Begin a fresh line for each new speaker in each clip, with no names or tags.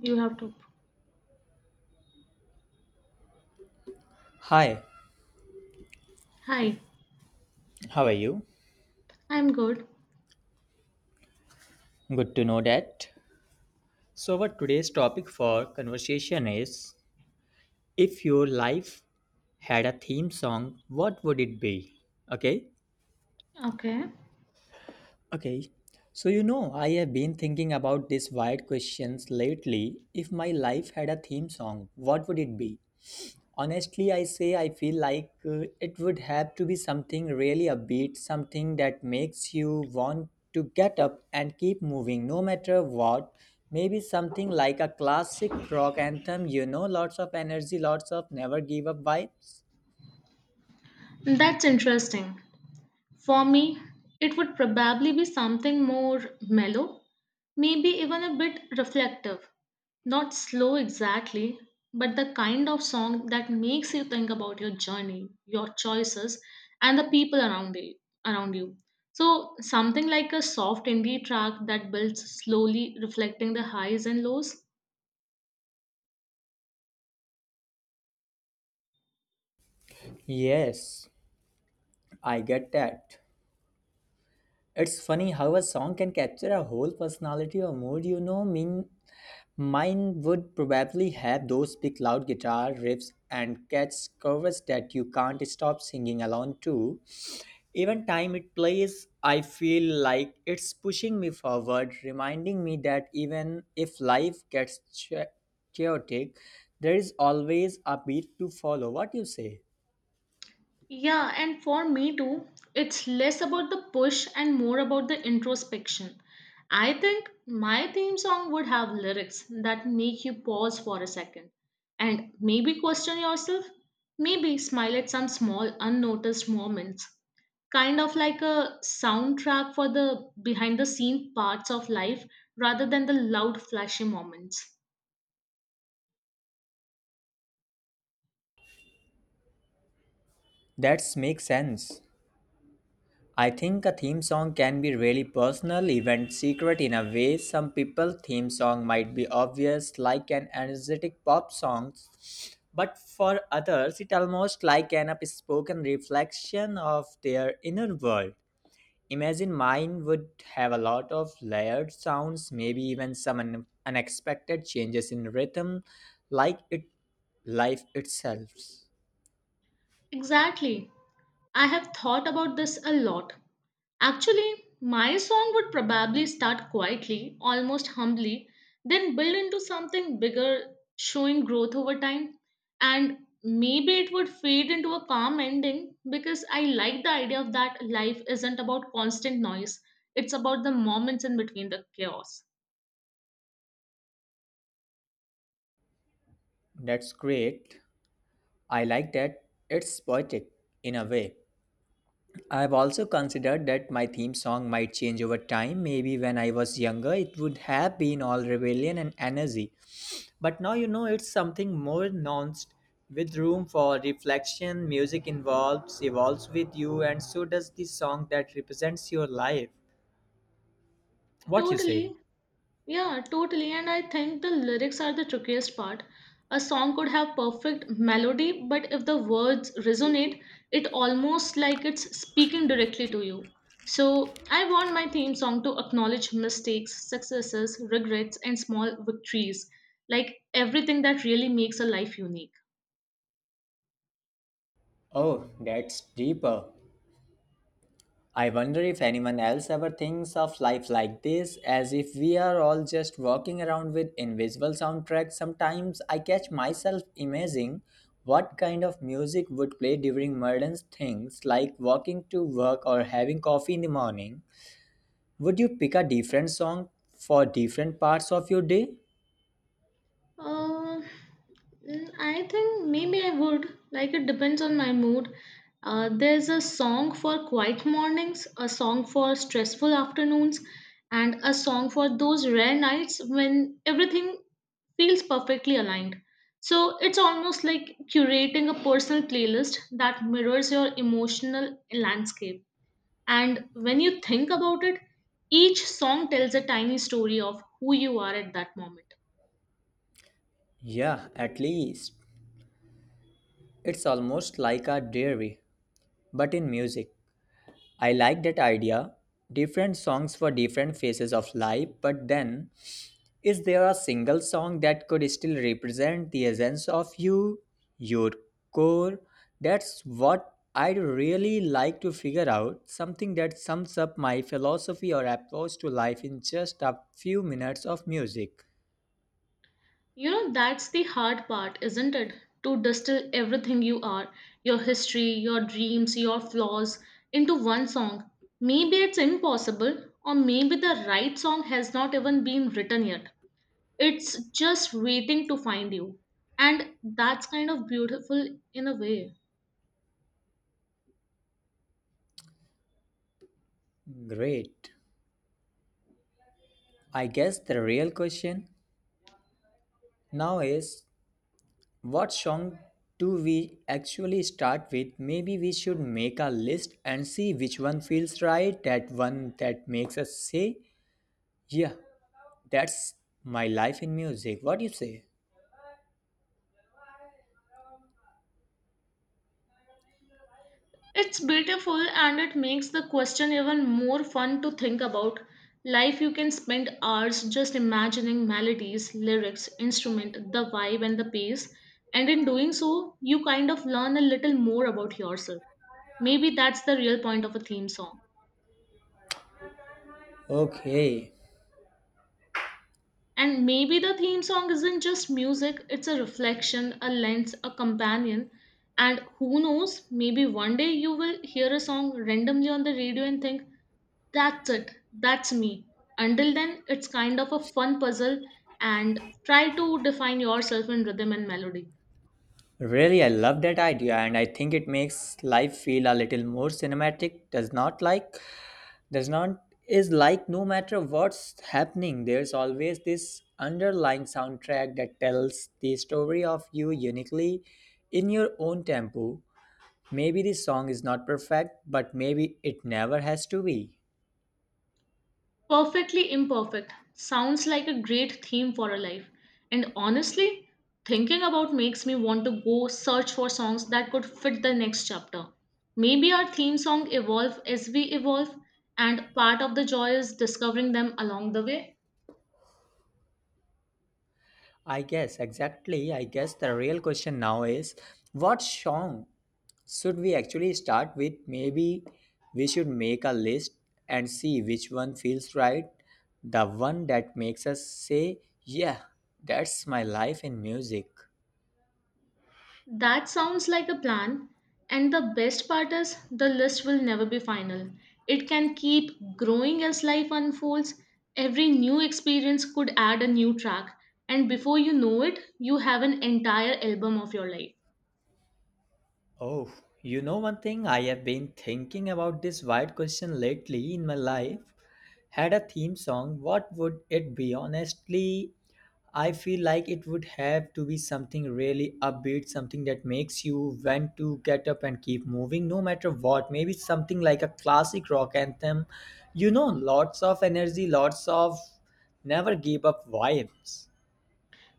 You have to.
Hi,
Hi,
how are you?
I'm good.
Good to know that. So, our today's topic for conversation is if your life had a theme song, what would it be? Okay?
Okay.
Okay. So, you know, I have been thinking about these wide questions lately. If my life had a theme song, what would it be? Honestly, I say I feel like it would have to be something really upbeat, something that makes you want to get up and keep moving no matter what. Maybe something like a classic rock anthem, you know, lots of energy, lots of never give up vibes.
That's interesting. For me, it would probably be something more mellow, maybe even a bit reflective. Not slow exactly, but the kind of song that makes you think about your journey, your choices, and the people around you. Around you. So, something like a soft indie track that builds slowly, reflecting the highs and lows.
Yes, I get that. It's funny how a song can capture a whole personality or mood, you know. Mean Mine would probably have those big loud guitar riffs and catch covers that you can't stop singing along to. Even time it plays, I feel like it's pushing me forward, reminding me that even if life gets chaotic, there is always a beat to follow. What you say?
Yeah, and for me too, it's less about the push and more about the introspection. I think my theme song would have lyrics that make you pause for a second and maybe question yourself, maybe smile at some small unnoticed moments. Kind of like a soundtrack for the behind the scene parts of life rather than the loud flashy moments.
That makes sense. I think a theme song can be really personal, even secret in a way. Some people theme song might be obvious, like an energetic pop song, but for others it almost like an upspoken reflection of their inner world. Imagine mine would have a lot of layered sounds, maybe even some unexpected changes in rhythm, like it life itself.
Exactly. I have thought about this a lot. Actually, my song would probably start quietly, almost humbly, then build into something bigger, showing growth over time. And maybe it would fade into a calm ending because I like the idea of that life isn't about constant noise, it's about the moments in between the chaos.
That's great. I like that. It's poetic in a way. I've also considered that my theme song might change over time. Maybe when I was younger, it would have been all rebellion and energy. But now you know it's something more nuanced with room for reflection. Music evolves with you, and so does the song that represents your life. What you say?
Totally. Yeah, totally. And I think the lyrics are the trickiest part. A song could have perfect melody, but if the words resonate, it almost like it's speaking directly to you. So I want my theme song to acknowledge mistakes, successes, regrets, and small victories, like everything that really makes a life unique.
Oh, that's deeper. I wonder if anyone else ever thinks of life like this, as if we are all just walking around with invisible soundtracks. Sometimes I catch myself imagining what kind of music would play during mundane things, like walking to work or having coffee in the morning. Would you pick a different song for different parts of your day?
Uh, I think maybe I would. Like it depends on my mood. There's a song for quiet mornings, a song for stressful afternoons, and a song for those rare nights when everything feels perfectly aligned. So it's almost like curating a personal playlist that mirrors your emotional landscape. And when you think about it, each song tells a tiny story of who you are at that moment.
Yeah, at least. It's almost like a diary, but in music. I like that idea. Different songs for different phases of life, but then, is there a single song that could still represent the essence of you, your core? That's what I'd really like to figure out something that sums up my philosophy or approach to life in just a few minutes of music.
You know, that's the hard part, isn't it? To distill everything you are, your history, your dreams, your flaws, into one song. Maybe it's impossible, or maybe the right song has not even been written yet. It's just waiting to find you. And that's kind of beautiful in a way.
Great. I guess the real question now is, what song do we actually start with? Maybe we should make a list and see which one feels right, that one that makes us say, yeah, that's my life in music. What do you say?
It's beautiful and it makes the question even more fun to think about. Life you can spend hours just imagining melodies, lyrics, instrument, the vibe and the pace, and in doing so, you kind of learn a little more about yourself. Maybe that's the real point of a theme song.
Okay.
And maybe the theme song isn't just music, it's a reflection, a lens, a companion. And who knows, maybe one day you will hear a song randomly on the radio and think, that's it. That's me. Until then, it's kind of a fun puzzle and try to define yourself in rhythm and melody.
Really, I love that idea, and I think it makes life feel a little more cinematic, does not like? Does not is like no matter what's happening, there's always this underlying soundtrack that tells the story of you uniquely in your own tempo. Maybe the song is not perfect, but maybe it never has to be.
Perfectly imperfect sounds like a great theme for a life. And honestly, thinking about makes me want to go search for songs that could fit the next chapter. Maybe our theme song evolve as we evolve and part of the joy is discovering them along the way.
I guess, exactly. I guess the real question now is what song should we actually start with? Maybe we should make a list and see which one feels right. The one that makes us say, yeah, that's my life in music.
That sounds like a plan. And the best part is, the list will never be final. It can keep growing as life unfolds. Every new experience could add a new track. And before you know it, you have an entire album of your life.
Oh, you know one thing, I have been thinking about this wide question lately in my life. Had a theme song, what would it be? Honestly, I feel like it would have to be something really upbeat, something that makes you want to get up and keep moving no matter what. Maybe something like a classic rock anthem. You know, lots of energy, lots of never give up vibes.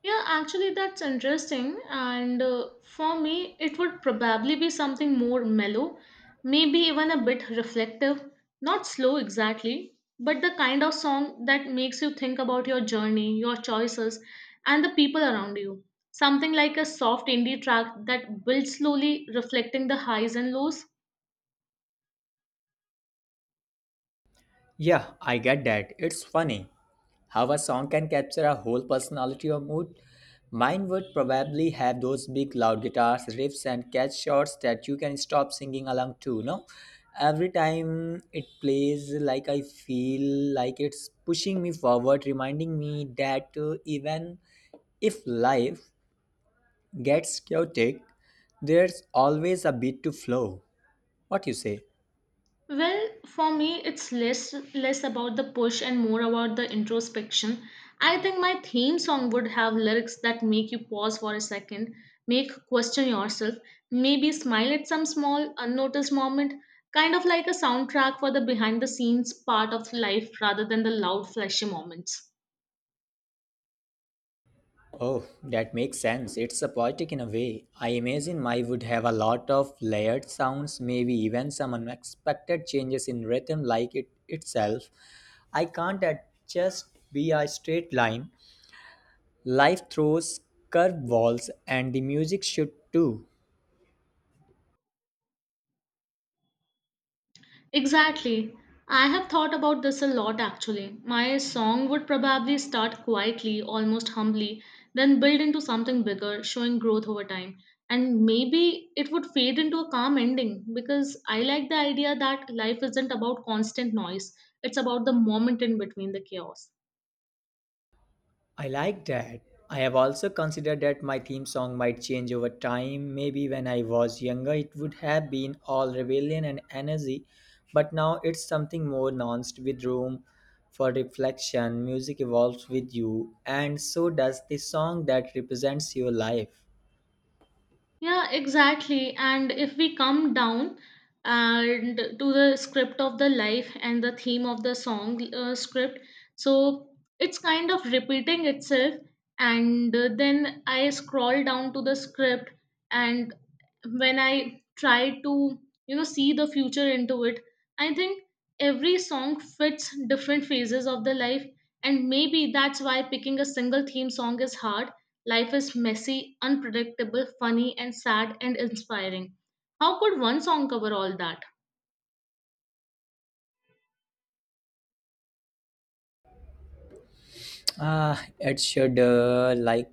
Yeah, actually, that's interesting. And for me, it would probably be something more mellow, maybe even a bit reflective. Not slow exactly, but the kind of song that makes you think about your journey, your choices, and the people around you. Something like a soft indie track that builds slowly, reflecting the highs and lows.
Yeah, I get that. It's funny how a song can capture a whole personality or mood. Mine would probably have those big loud guitars, riffs, and catch shots that you can stop singing along to. No, every time it plays, like I feel like it's pushing me forward, reminding me that even if life gets chaotic, there's always a beat to flow. What you say?
Well, for me, it's less about the push and more about the introspection. I think my theme song would have lyrics that make you pause for a second, make question yourself, maybe smile at some small unnoticed moment, kind of like a soundtrack for the behind the scenes part of life rather than the loud flashy moments.
Oh, that makes sense. It's a poetic in a way. I imagine my would have a lot of layered sounds, maybe even some unexpected changes in rhythm like it itself. I can't at just be a straight line. Life throws curveballs and the music should too.
Exactly. I have thought about this a lot actually. My song would probably start quietly, almost humbly, then build into something bigger, showing growth over time. And maybe it would fade into a calm ending because I like the idea that life isn't about constant noise, it's about the moment in between the chaos.
I like that. I have also considered that my theme song might change over time. Maybe when I was younger, it would have been all rebellion and energy, but now it's something more nuanced with room for reflection. Music evolves with you, and so does the song that represents your life.
Yeah, exactly. And if we come down and to the script of the life and the theme of the song script, so it's kind of repeating itself. And then I scroll down to the script, and when I try to, you know, see the future into it, I think every song fits different phases of the life. And maybe that's why picking a single theme song is hard. Life is messy, unpredictable, funny, and sad and inspiring. How could one song cover all that?
Ah, it should like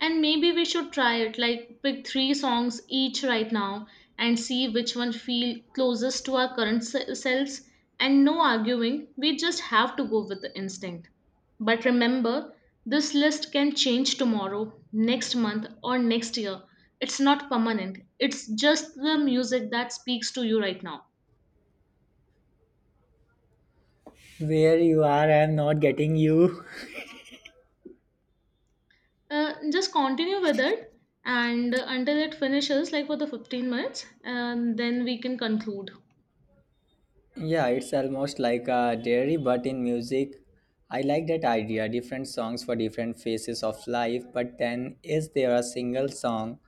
And maybe we should try it like pick three songs each right now and see which one feel closest to our current selves and no arguing, we just have to go with the instinct, but remember, this list can change tomorrow, next month, or next year. It's not permanent, it's just the music that speaks to you right now.
where you are. I'm not getting you.
Just continue with it and until it finishes, like for the 15 minutes, and then we can conclude.
Yeah, it's almost like a diary, but in music, I like that idea. Different songs for different phases of life, but then is there a single song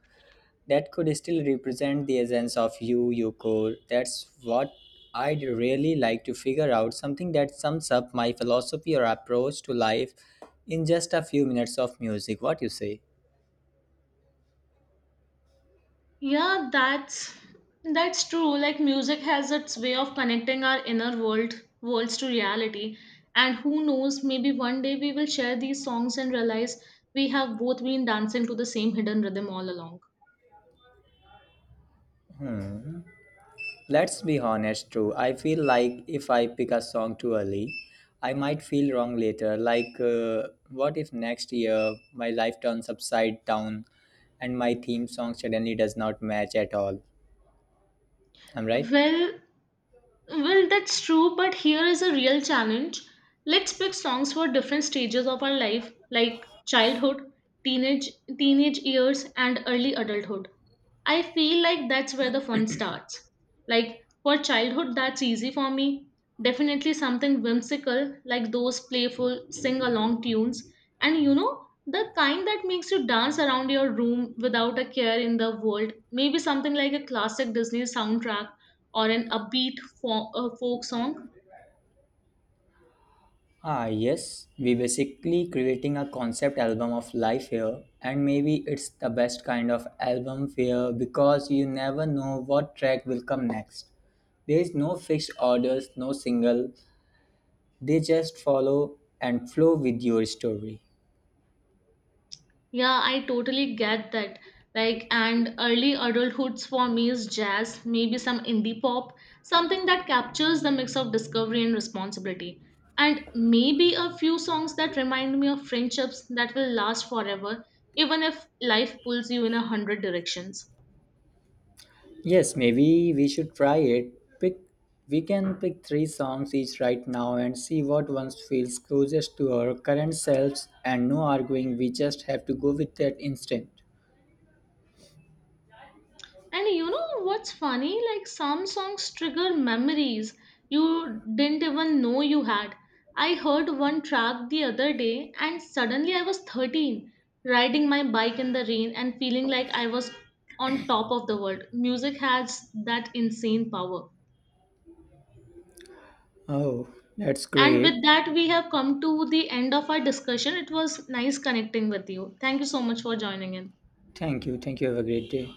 that could still represent the essence of you, your core? That's what I'd really like to figure out something that sums up my philosophy or approach to life in just a few minutes of music. What you say?
Yeah, that's true. Like music has its way of connecting our inner worlds to reality. And who knows, maybe one day we will share these songs and realize we have both been dancing to the same hidden rhythm all along.
Let's be honest, too. I feel like if I pick a song too early, I might feel wrong later. Like, what if next year my life turns upside down and my theme song suddenly does not match at all? I'm right.
Well, Well, that's true, but here is a real challenge. Let's pick songs for different stages of our life, like childhood, teenage teenage years, and early adulthood. I feel like that's where the fun starts. Like for childhood, that's easy for me. Definitely something whimsical, like those playful sing along tunes. And you know, the kind that makes you dance around your room without a care in the world. Maybe something like a classic Disney soundtrack or an upbeat folk song.
Ah, yes, we basically creating a concept album of life here, and maybe it's the best kind of album here because you never know what track will come next. There is no fixed orders, no single, they just follow and flow with your story.
Yeah, I totally get that. Like, and early adulthoods for me is jazz, maybe some indie pop, something that captures the mix of discovery and responsibility. And maybe a few songs that remind me of friendships that will last forever, even if life pulls you in 100 directions.
Yes, maybe we should try it. Pick We can pick three songs each right now and see what ones feels closest to our current selves and no arguing we just have to go with that instinct.
And you know what's funny? Like some songs trigger memories you didn't even know you had. I heard one track the other day and suddenly I was 13, riding my bike in the rain and feeling like I was on top of the world. Music has that insane power.
Oh, that's
And with
great.
that, we have come to the end of our discussion. It was nice connecting with you. Thank you so much for joining in.
Thank you. Thank you. Have a great day.